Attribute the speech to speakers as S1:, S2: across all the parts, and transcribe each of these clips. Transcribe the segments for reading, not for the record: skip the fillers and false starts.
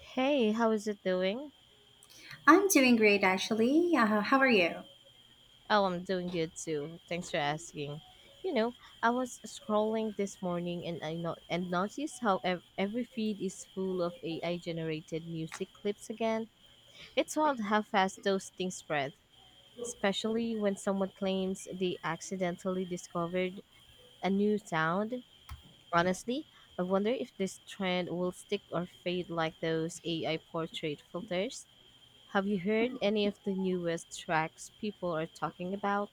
S1: Hey, how is it doing?
S2: I'm doing great actually. How are you?
S1: Oh, I'm doing good too. Thanks for asking. You know, I was scrolling this morning and I not and noticed how every feed is full of AI generated music clips again. It's wild how fast those things spread, especially when someone claims they accidentally discovered a new sound. Honestly, I wonder if this trend will stick or fade like those AI portrait filters. Have you heard any of the newest tracks people are talking about?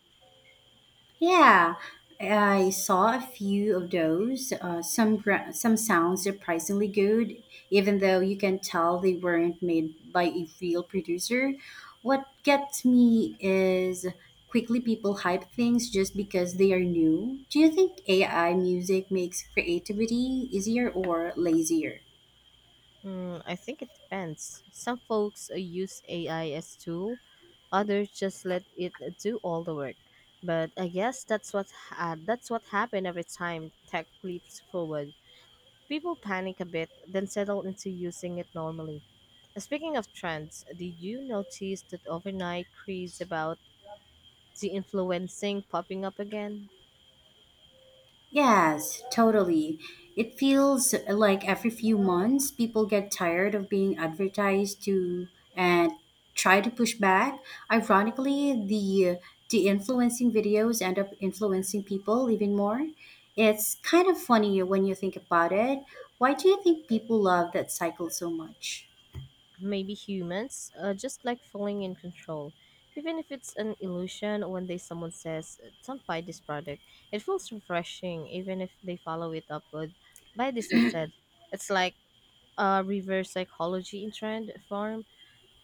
S2: Yeah, I saw a few of those. Uh, some sound surprisingly good, even though you can tell they weren't made by a real producer. What gets me is quickly people hype things just because they are new. Do you think AI music makes creativity easier or lazier?
S1: Mm, I think it depends. Some folks use AI as tool, others just let it do all the work. But I guess that's what happened every time tech leaps forward. People panic a bit, then settle into using it normally. Speaking of trends, did you notice that overnight craze about de influencing popping up again?
S2: Yes, totally. It feels like every few months people get tired of being advertised to and try to push back. Ironically, the influencing videos end up influencing people even more. It's kind of funny when you think about it. Why do you think people love that cycle so much?
S1: Maybe humans just like feeling in control, even if it's an illusion. One day someone says, Don't buy this product." It feels refreshing, even if they follow it up with "buy this instead." It's like a reverse psychology in trend form.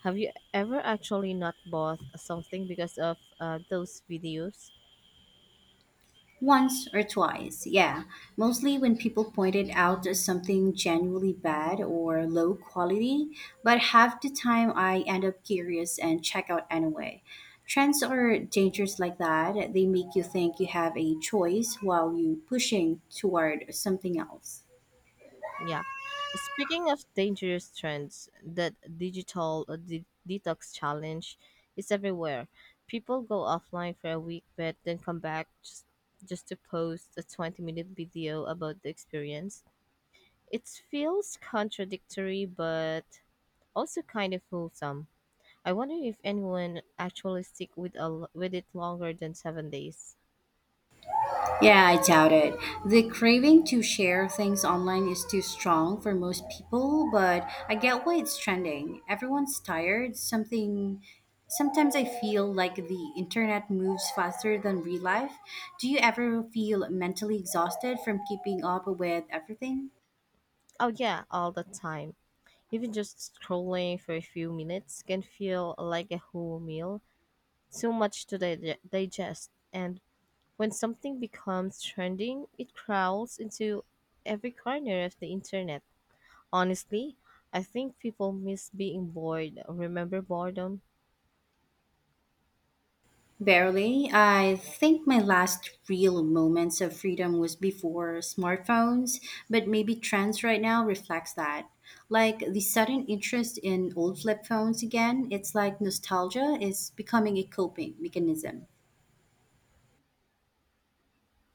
S1: Have you ever actually not bought something because of those videos?
S2: Once or twice, yeah. Mostly when people pointed out something genuinely bad or low quality, but half the time I end up curious and check out anyway. Trends are dangerous like that. They make you think you have a choice while you pushing toward something else.
S1: Yeah. Speaking of dangerous trends, that digital detox challenge is everywhere. People go offline for a week but then come back just to post a 20-minute video about the experience. It feels contradictory but also kind of wholesome. I wonder if anyone actually stick with with it longer than 7 days.
S2: Yeah, I doubt it. The craving to share things online is too strong for most people, but I get why it's trending. Everyone's tired. Something sometimes I feel like the internet moves faster than real life. Do you ever feel mentally exhausted from keeping up with everything?
S1: Oh yeah, all the time. Even just scrolling for a few minutes can feel like a whole meal, too much to digest. And when something becomes trending, it crawls into every corner of the internet. Honestly, I think people miss being bored. Remember boredom?
S2: Barely. I think my last real moments of freedom was before smartphones, but maybe trends right now reflects that. Like the sudden interest in old flip phones again, it's like nostalgia is becoming a coping mechanism.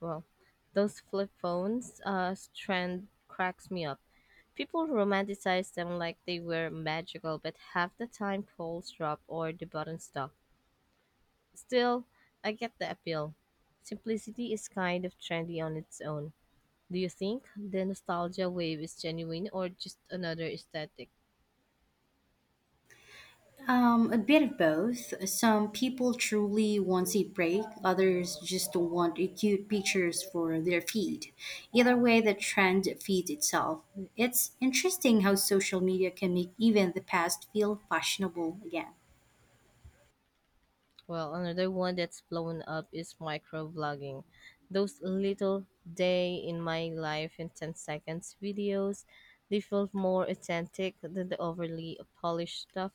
S1: Well, those flip phones trend cracks me up. People romanticize them like they were magical, but half the time calls drop or the button stuck. Still, I get the appeal. Simplicity is kind of trendy on its own. Do you think the nostalgia wave is genuine or just another aesthetic?
S2: A bit of both. Some people truly want a break, others just want cute pictures for their feed. Either way, the trend feeds itself. It's interesting how social media can make even the past feel fashionable again.
S1: Well, another one that's blown up is microvlogging. Those little day in my life in 10 seconds videos, they feel more authentic than the overly polished stuff.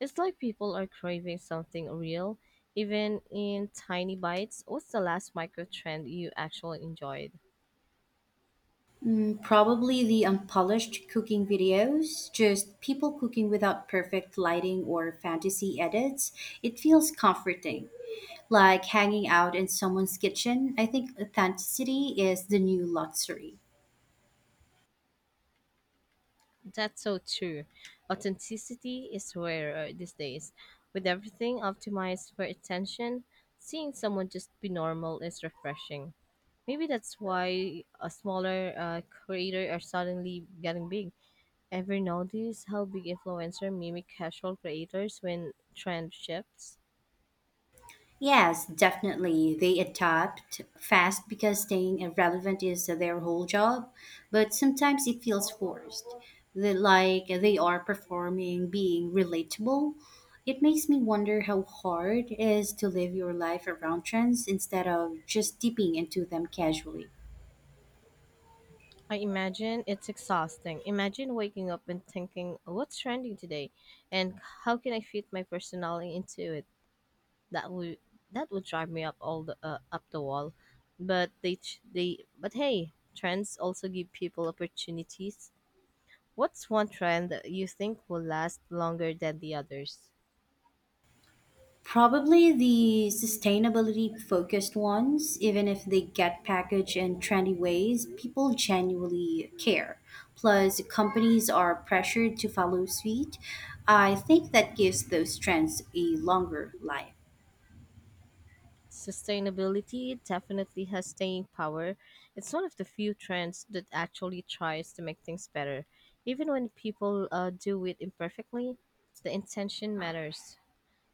S1: It's like people are craving something real, even in tiny bites. What's the last micro trend you actually enjoyed?
S2: Mm, probably the unpolished cooking videos, just people cooking without perfect lighting or fantasy edits. It feels comforting, like hanging out in someone's kitchen. I think authenticity is the new luxury.
S1: That's so true. Authenticity is rare these days. With everything optimized for attention, seeing someone just be normal is refreshing. Maybe that's why a smaller creator are suddenly getting big. Ever notice how big influencer mimic casual creators when trend shifts?
S2: Yes, definitely. They adapt fast because staying relevant is their whole job, but sometimes it feels forced. They, like they are performing being relatable. It makes me wonder how hard it is to live your life around trends instead of just dipping into them casually.
S1: I imagine it's exhausting. Imagine waking up and thinking, what's trending today? And how can I fit my personality into it? that would that would drive me up all the up the wall. But they ch- they but hey, trends also give people opportunities. What's one trend that you think will last longer than the others?
S2: Probably the sustainability focused ones, even if they get packaged in trendy ways, people genuinely care. Plus, companies are pressured to follow suit. I think that gives those trends a longer life.
S1: Sustainability definitely has staying power. It's one of the few trends that actually tries to make things better. Even when people do it imperfectly, the intention matters.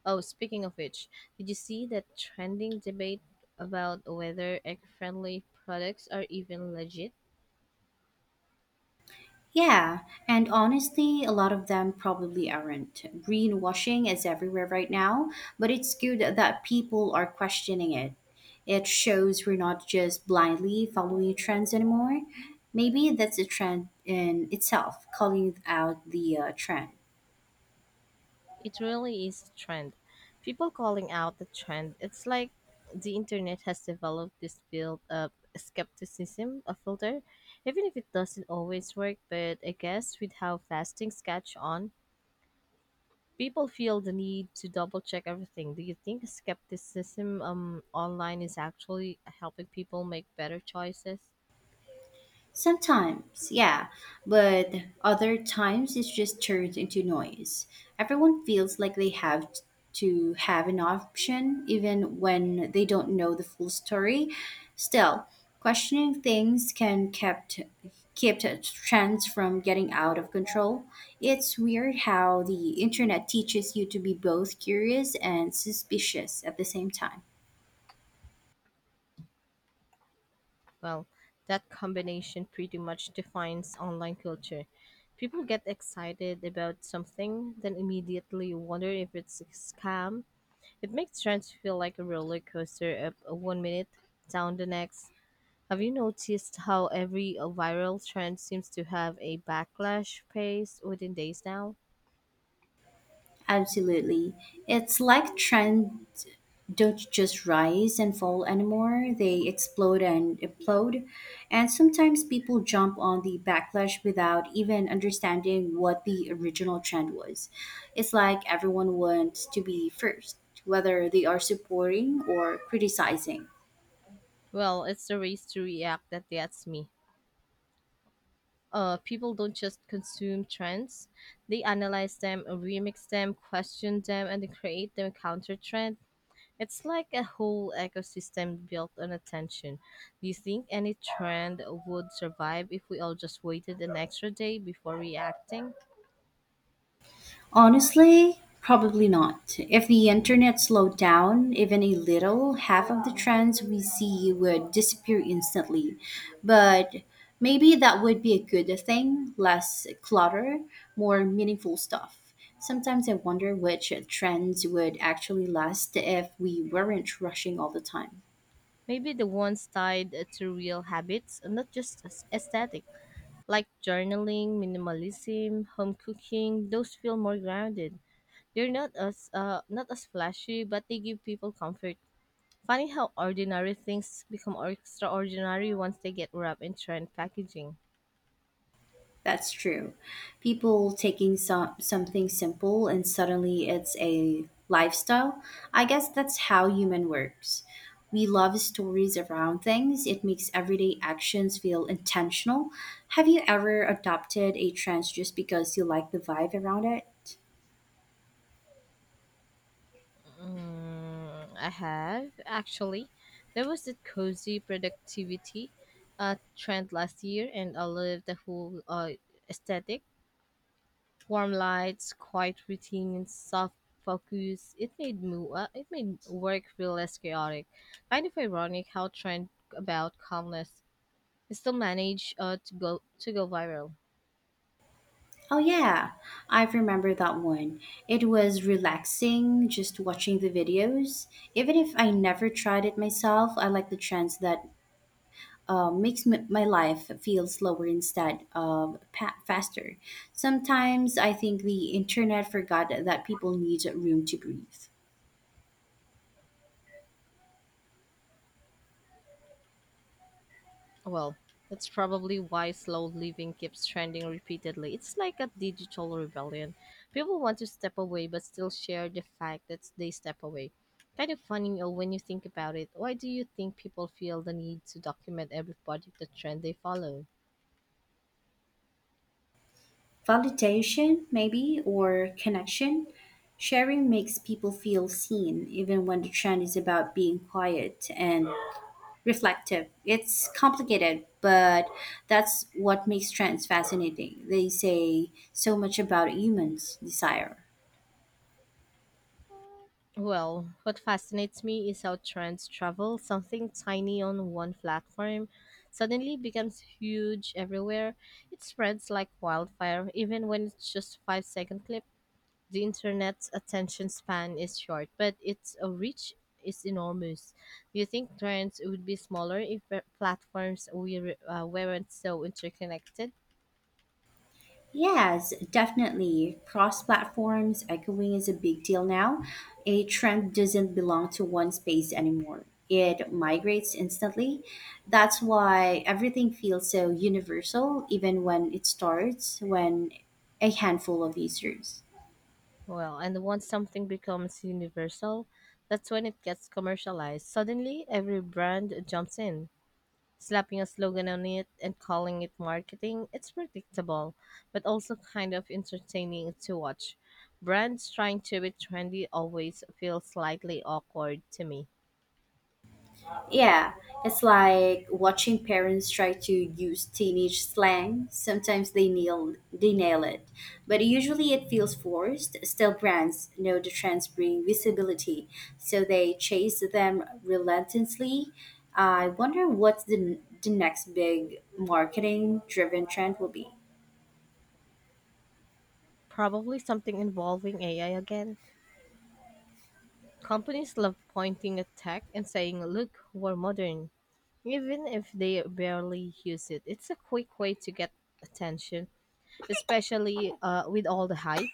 S1: Oh, speaking of which, did you see that trending debate about whether egg-friendly products are even legit?
S2: Yeah, and honestly, a lot of them probably aren't. Greenwashing is everywhere right now, but it's good that people are questioning it. It shows we're not just blindly following trends anymore. Maybe that's a trend in itself, calling out the trend.
S1: It really is a trend. People calling out the trend. It's like the internet has developed this built-up skepticism, a filter, even if it doesn't always work. But I guess with how fast things catch on, people feel the need to double-check everything. Do you think skepticism online is actually helping people make better choices?
S2: Sometimes, yeah, but other times it's just turned into noise. Everyone feels like they have to have an option even when they don't know the full story. Still, questioning things can kept trends from getting out of control. It's weird how the internet teaches you to be both curious and suspicious at the same time.
S1: Well, that combination pretty much defines online culture. People get excited about something, then immediately wonder if it's a scam. It makes trends feel like a roller coaster, up one minute, down the next. Have you noticed how every viral trend seems to have a backlash phase within days now?
S2: Absolutely. It's like trends don't just rise and fall anymore, they explode and implode. And sometimes people jump on the backlash without even understanding what the original trend was. It's like everyone wants to be first, whether they are supporting or criticizing.
S1: Well, it's the race to react that gets me. People don't just consume trends; they analyze them, remix them, question them, and then create them counter trend. It's like a whole ecosystem built on attention. Do you think any trend would survive if we all just waited an extra day before reacting?
S2: Honestly, probably not. If the internet slowed down even a little, half of the trends we see would disappear instantly. But maybe that would be a good thing less clutter, more meaningful stuff. Sometimes I wonder which trends would actually last if we weren't rushing all the time.
S1: Maybe the ones tied to real habits, not aesthetic, like journaling, minimalism, home cooking. Those feel more grounded. They're not as not as flashy, but they give people comfort. Funny how ordinary things become extraordinary once they get wrapped in trend packaging.
S2: That's true. People taking something simple and suddenly it's a lifestyle. I guess that's how human works. We love stories around things. It makes everyday actions feel intentional. Have you ever adopted a trend just because you like the vibe around it?
S1: Mm, I have, actually. There was that cozy productivity trend last year, and I loved the whole aesthetic. Warm lights, quiet routines, soft focus. It it made work feel less chaotic. Kind of ironic how trend about calmness is still managed to go viral.
S2: Oh yeah, I remember that one. It was relaxing just watching the videos. Even if I never tried it myself, I like the trends that uh, makes my life feel slower instead of faster. Sometimes I think the internet forgot that people need room to breathe.
S1: Well, that's probably why slow living keeps trending repeatedly. It's like a digital rebellion. People want to step away but still share the fact that they step away. Kind of funny when you think about it. Why do you think people feel the need to document every part of the trend they follow?
S2: Validation, maybe, or connection. Sharing makes people feel seen, even when the trend is about being quiet and reflective. It's complicated, but that's what makes trends fascinating. They say so much about humans' desire.
S1: Well, what fascinates me is how trends travel. Something tiny on one platform suddenly becomes huge everywhere. It spreads like wildfire, even when it's just 5 second clip. The internet's attention span is short, but its reach is enormous. Do you think trends would be smaller if platforms we weren't so interconnected?
S2: Yes, definitely. Cross platforms echoing is a big deal now. A trend doesn't belong to one space anymore, it migrates instantly. That's why everything feels so universal, even when it starts when a handful of users.
S1: Well, and once something becomes universal, that's when it gets commercialized. Suddenly, every brand jumps in, slapping a slogan on it and calling it marketing. It's predictable, but also kind of entertaining to watch. Brands trying to be trendy always feel slightly awkward to me.
S2: Yeah, it's like watching parents try to use teenage slang. Sometimes they nail it, but usually it feels forced. Still, brands know the trends bring visibility, so they chase them relentlessly. I wonder what the next big marketing driven trend will be.
S1: Probably something involving AI again. Companies love pointing at tech and saying, look, we're modern. Even if they barely use it, it's a quick way to get attention, especially with all the hype.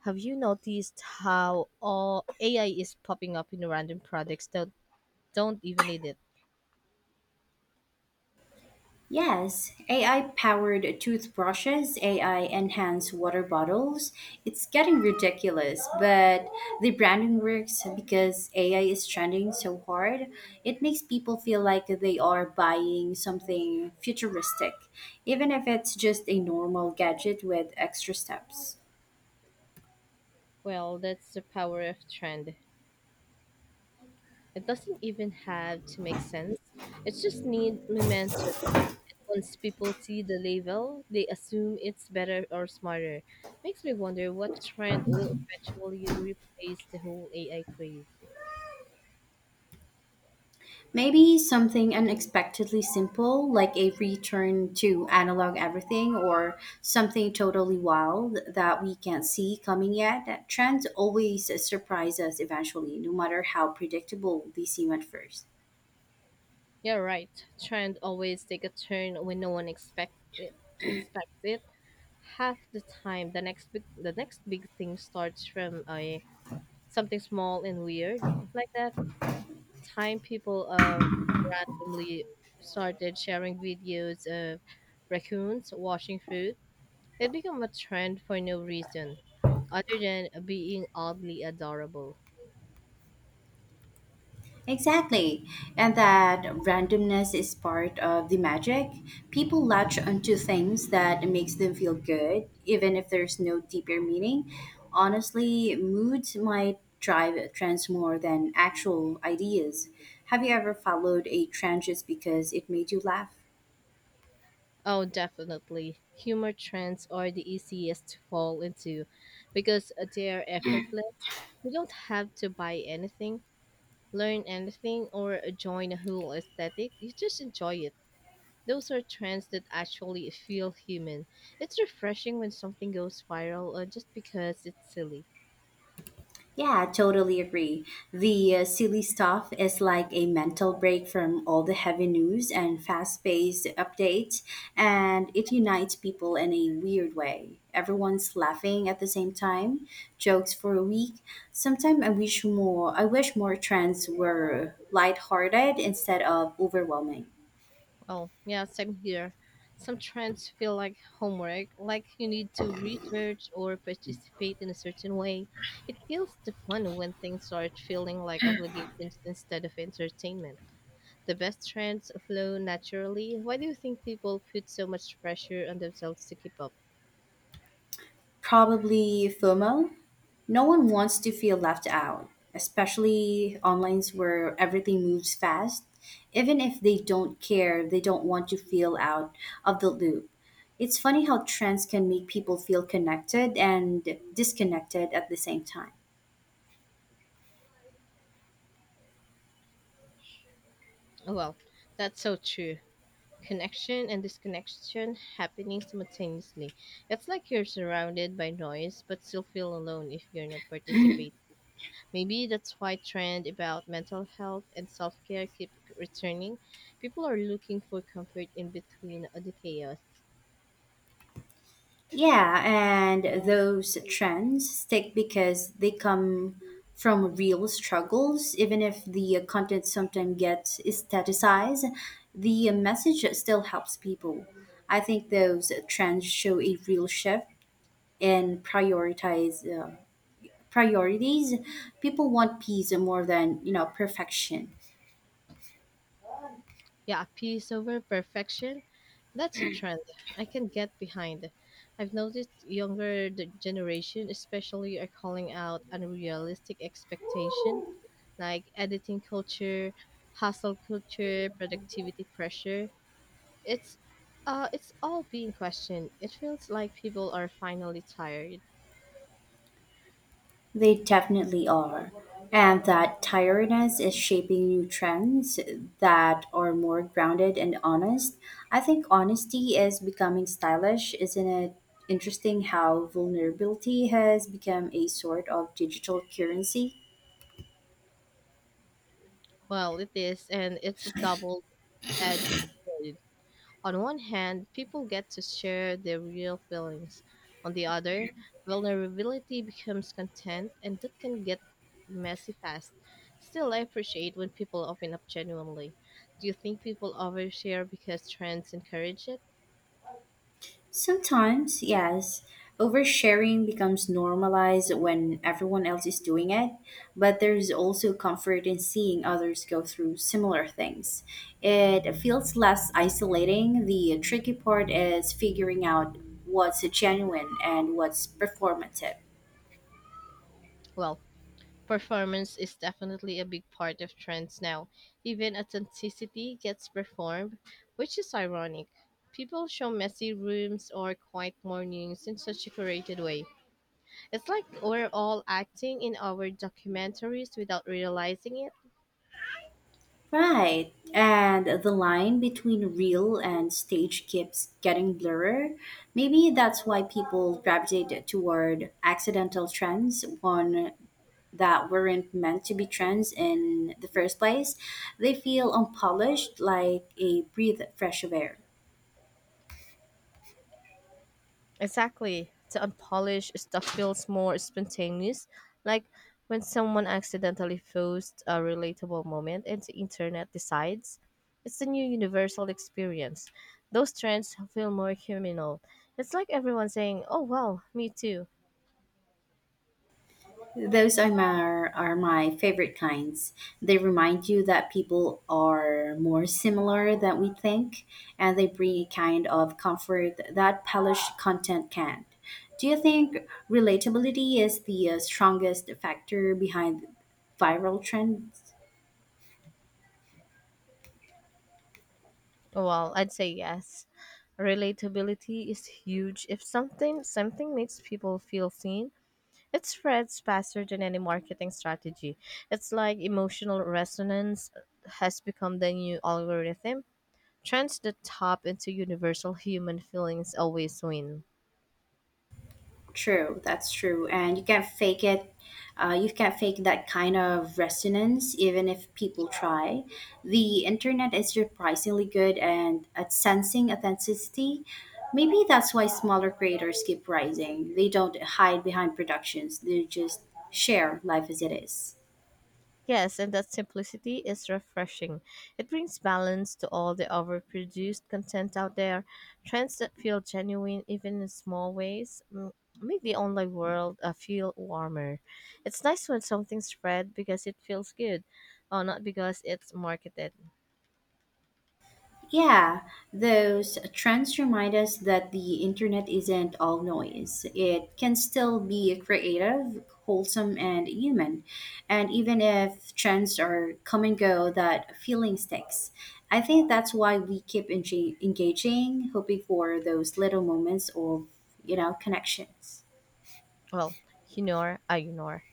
S1: Have you noticed how all AI is popping up in random products that don't even need it?
S2: Yes, AI powered toothbrushes, AI enhanced water bottles. It's getting ridiculous, but the branding works because AI is trending so hard. It makes people feel like they are buying something futuristic, even if it's just a normal gadget with extra steps.
S1: Well, that's the power of trend. It doesn't even have to make sense. It just needs momentum. And once people see the label, they assume it's better or smarter. Makes me wonder what trend will eventually replace the whole AI craze.
S2: Maybe something unexpectedly simple, like a return to analog everything, or something totally wild that we can't see coming yet. Trends always surprise us eventually, no matter how predictable they seem at first.
S1: Yeah, right. Trend always take a turn when no one expect it, expects it. Half the time, the next big thing starts from a something small and weird, like that time people randomly started sharing videos of raccoons washing fruit. It became a trend for no reason other than being oddly adorable.
S2: Exactly. And that randomness is part of the magic. People latch onto things that makes them feel good, even if there's no deeper meaning. Honestly, moods might drive trends more than actual ideas. Have you ever followed a trend just because it made you laugh?
S1: Oh, definitely. Humor trends are the easiest to fall into because they're effortless. You don't have to buy anything, learn anything, or join a whole aesthetic. You just enjoy it. Those are trends that actually feel human. It's refreshing when something goes viral just because it's silly.
S2: Yeah, I totally agree. The silly stuff is like a mental break from all the heavy news and fast paced updates, and it unites people in a weird way. Everyone's laughing at the same time, jokes for a week. Sometimes I wish more trends were lighthearted instead of overwhelming.
S1: Well, yeah, same here. Some trends feel like homework, like you need to research or participate in a certain way. It kills the fun when things start feeling like obligations instead of entertainment. The best trends flow naturally. Why do you think people put so much pressure on themselves to keep up?
S2: Probably FOMO, no one wants to feel left out, especially online where everything moves fast. Even if they don't care, they don't want to feel out of the loop. It's funny how trends can make people feel connected and disconnected at the same time.
S1: Well, that's so true. Connection and disconnection happening simultaneously. It's like you're surrounded by noise but still feel alone if you're not participating. Maybe that's why trend about mental health and self-care keep returning. People are looking for comfort in between the chaos.
S2: Yeah, and those trends stick because they come from real struggles. Even if the content sometimes gets staticized, the message still helps people. I think those trends show a real shift in prioritize priorities. People want peace more than you know perfection.
S1: Yeah, peace over perfection. That's a trend I can get behind. I've noticed younger the generation especially are calling out unrealistic expectations like editing culture, hustle culture, productivity pressure. It's it's all being questioned. It feels like people are finally tired.
S2: They definitely are. And that tiredness is shaping new trends that are more grounded and honest. I think honesty is becoming stylish, isn't it? Interesting how vulnerability has become a sort of digital currency.
S1: Well, it is, and it's a double-edged sword. On one hand, people get to share their real feelings. On the other, vulnerability becomes content, and that can get messy fast. Still, I appreciate when people open up genuinely. Do you think people overshare because trends encourage it?
S2: Sometimes, yes, oversharing becomes normalized when everyone else is doing it, but there's also comfort in seeing others go through similar things. It feels less isolating. The tricky part is figuring out what's genuine and what's performative.
S1: Well, performance is definitely a big part of trends now. Even authenticity gets performed, which is ironic. People show messy rooms or quiet mornings in such a curated way. It's like we're all acting in our documentaries without realizing it.
S2: Right. And the line between real and stage keeps getting blurrer. Maybe that's why people gravitate toward accidental trends on that weren't meant to be trends in the first place. They feel unpolished, like a breath of fresh air.
S1: Exactly. The unpolished stuff feels more spontaneous, like when someone accidentally posts a relatable moment and the internet decides it's a new universal experience. Those trends feel more communal. It's like everyone saying, "Oh well, me too."
S2: Those are my favorite kinds. They remind you that people are more similar than we think, and they bring a kind of comfort that polished content can't. Do you think relatability is the strongest factor behind viral trends?
S1: Well, I'd say yes. Relatability is huge. If something makes people feel seen, it spreads faster than any marketing strategy. It's like emotional resonance has become the new algorithm. Trends that tap into universal human feelings always win.
S2: True, that's true. And you can't fake it. You can't fake that kind of resonance, even if people try. The internet is surprisingly good and at sensing authenticity. Maybe that's why smaller creators keep rising. They don't hide behind productions, they just share life as it is.
S1: Yes, and that simplicity is refreshing. It brings balance to all the overproduced content out there. Trends that feel genuine, even in small ways, make the online world feel warmer. It's nice when something's spread because it feels good, or not because it's marketed.
S2: Yeah, those trends remind us that the internet isn't all noise. It can still be creative, wholesome, and human. And even if trends are come and go, that feeling sticks. I think that's why we keep engaging, hoping for those little moments of, you know, connections.
S1: Well, I ignore.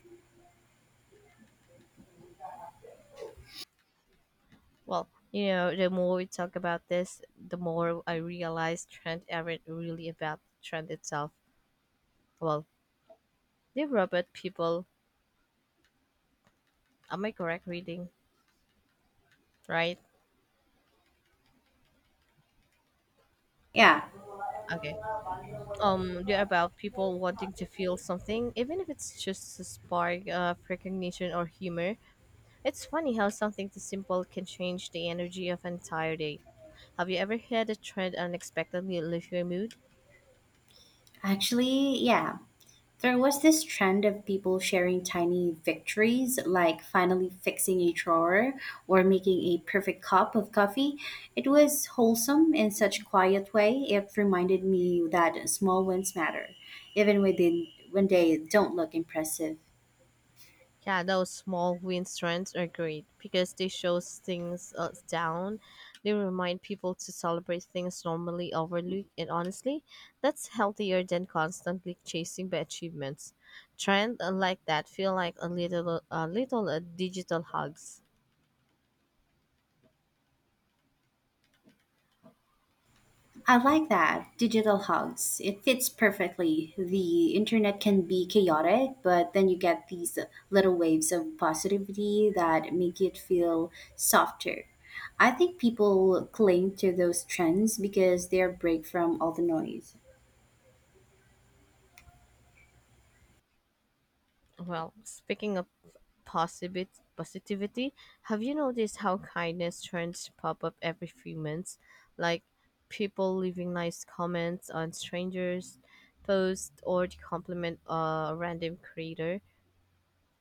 S1: Well, you know, the more we talk about this, the more I realize trend aren't really about trend itself. Well, they're about people. Am I correct reading? Right?
S2: Yeah,
S1: Okay. They're about people wanting to feel something, even if it's just a spark of recognition or humor. It's funny how something this simple can change the energy of an entire day. Have you ever had a trend unexpectedly lift your mood?
S2: actually, yeah. There was this trend of people sharing tiny victories, like finally fixing a drawer or making a perfect cup of coffee. It was wholesome in such quiet way. It reminded me that small wins matter, even within when they don't look impressive.
S1: Yeah, those small win trends are great because they show things down. They remind people to celebrate things normally overlooked, and honestly, that's healthier than constantly chasing the achievements. Trend like that feel like a little digital hugs.
S2: I like that. Digital hugs. It fits perfectly. The internet can be chaotic, but then you get these little waves of positivity that make it feel softer. I think people cling to those trends because they're a break from all the noise.
S1: Well, speaking of positivity, have you noticed how kindness trends pop up every few months? Like people leaving nice comments on strangers, posts, or to compliment a random creator.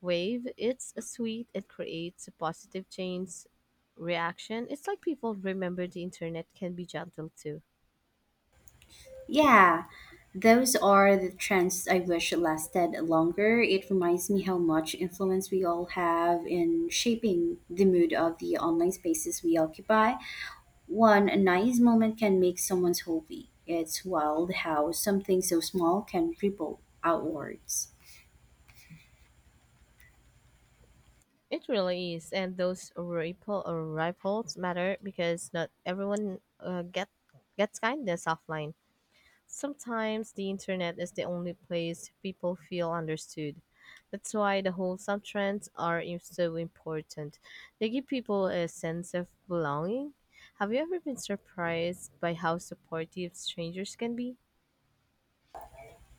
S1: Wave, it's a sweet, it creates a positive change reaction. It's like people remember the internet can be gentle too.
S2: Yeah, those are the trends I wish lasted longer. It reminds me how much influence we all have in shaping the mood of the online spaces we occupy. One a nice moment can make someone's hobby. It's wild how something so small can ripple outwards.
S1: It really is, and those ripples matter because not everyone gets kindness offline. Sometimes the internet is the only place people feel understood. That's why the whole subtrends are so important. They give people a sense of belonging. Have you ever been surprised by how supportive strangers can be?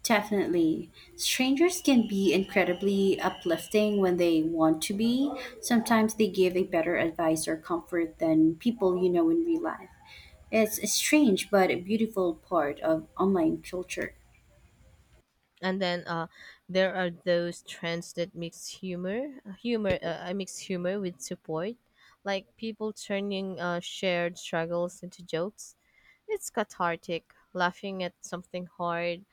S2: Definitely. Strangers can be incredibly uplifting when they want to be. Sometimes they give a better advice or comfort than people you know in real life. It's a strange but a beautiful part of online culture.
S1: And then there are those trends that mix humor, humor, I mix humor with support, like people turning shared struggles into jokes. It's cathartic. Laughing at something hard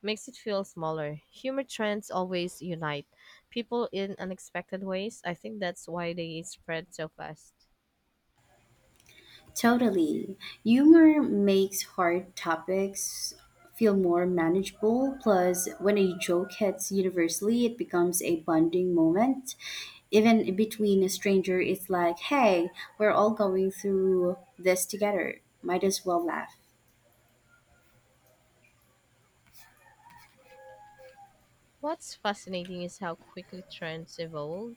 S1: makes it feel smaller. Humor trends always unite people in unexpected ways. I think that's why they spread so fast.
S2: Totally. Humor makes hard topics feel more manageable. Plus, when a joke hits universally, it becomes a bonding moment. Even between a stranger, it's like hey, we're all going through this together. Might as well laugh.
S1: What's fascinating is how quickly trends evolve.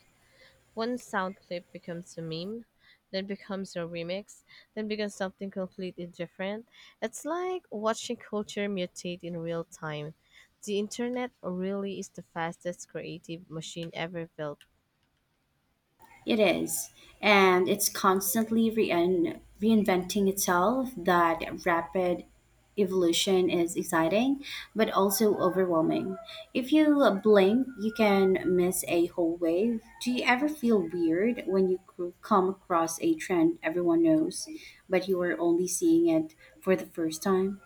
S1: One sound clip becomes a meme, then becomes a remix, then becomes something completely different. It's like watching culture mutate in real time. The internet really is the fastest creative machine ever built.
S2: It is. And it's constantly rein reinventing itself. That rapid evolution is exciting, but also overwhelming. If you blink, you can miss a whole wave. Do you ever feel weird when you c- come across a trend everyone knows, but you are only seeing it for the first time?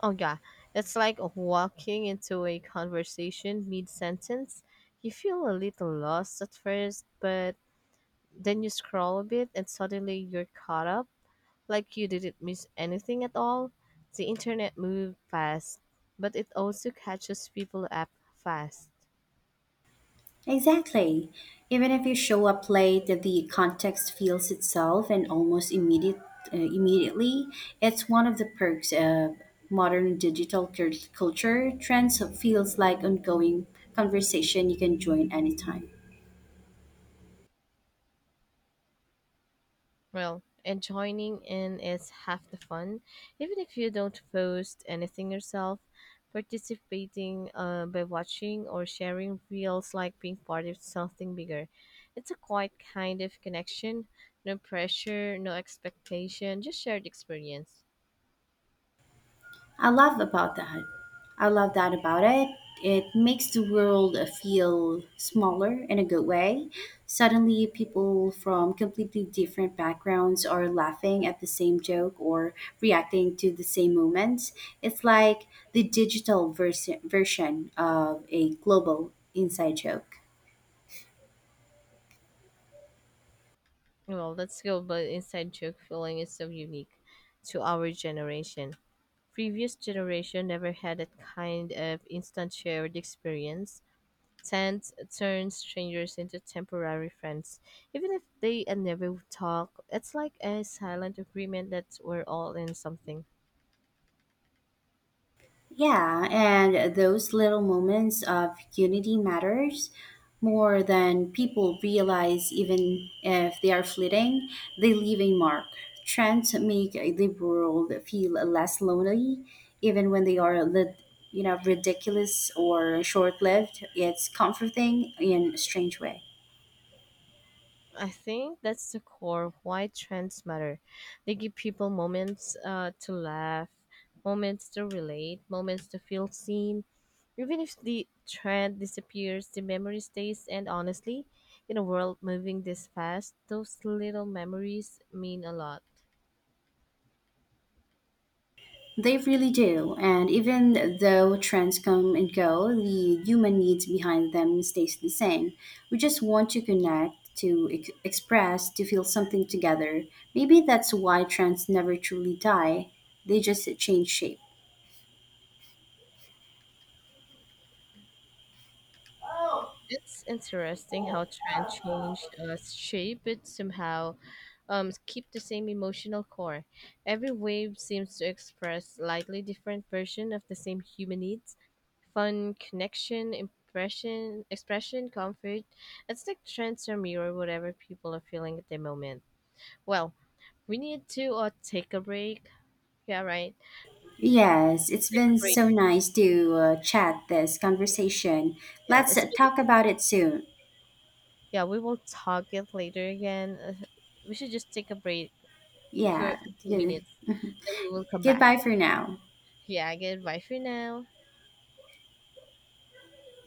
S1: Oh yeah, it's like walking into a conversation mid-sentence. You feel a little lost at first, but then you scroll a bit and suddenly you're caught up, like you didn't miss anything at all. The internet moves fast, but it also catches people up fast.
S2: Exactly. Even if you show up late, the context feels itself and almost immediate, immediately. It's one of the perks of modern digital cur- culture. Trends feels like ongoing conversation you can join anytime.
S1: Well, and joining in is half the fun. Even if you don't post anything yourself, participating by watching or sharing feels like being part of something bigger. It's a quiet kind of connection. No pressure, no expectation, just shared experience.
S2: I love about that. I love that about it. It makes the world feel smaller in a good way. Suddenly, people from completely different backgrounds are laughing at the same joke or reacting to the same moments. It's like the digital version of a global inside joke.
S1: Well, let's go, but inside joke feeling is so unique to our generation. Previous generation never had that kind of instant shared experience. Tent turns strangers into temporary friends. Even if they never talk, it's like a silent agreement that we're all in something.
S2: Yeah, and those little moments of unity matters more than people realize even if they are fleeting, they leave a mark. Trends make the world feel less lonely even when they are you know ridiculous or short-lived. It's comforting in a strange way.
S1: I think that's the core of why trends matter. They give people moments to laugh, moments to relate, moments to feel seen. Even if the trend disappears, the memory stays, and honestly, in a world moving this fast, those little memories mean a lot.
S2: They really do. And even though trends come and go, the human needs behind them stays the same. We just want to connect, to express, to feel something together. Maybe that's why trends never truly die. They just change shape.
S1: It's interesting how trend change shape, but somehow keep the same emotional core. Every wave seems to express slightly different version of the same human needs: fun, connection, impression, expression, comfort. It's like trends are mirror whatever people are feeling at the moment. Well, we need to take a break. Yeah, right.
S2: Yes, it's
S1: Take a
S2: been
S1: break.
S2: so nice to chat this conversation.
S1: Yeah,
S2: Let's
S1: it's
S2: talk about it soon.
S1: yeah. We will talk it later again. We should just take a break for a
S2: Yeah.
S1: few
S2: Yeah.
S1: minutes. Then we will come back.
S2: Goodbye for now.
S1: Yeah, goodbye for now.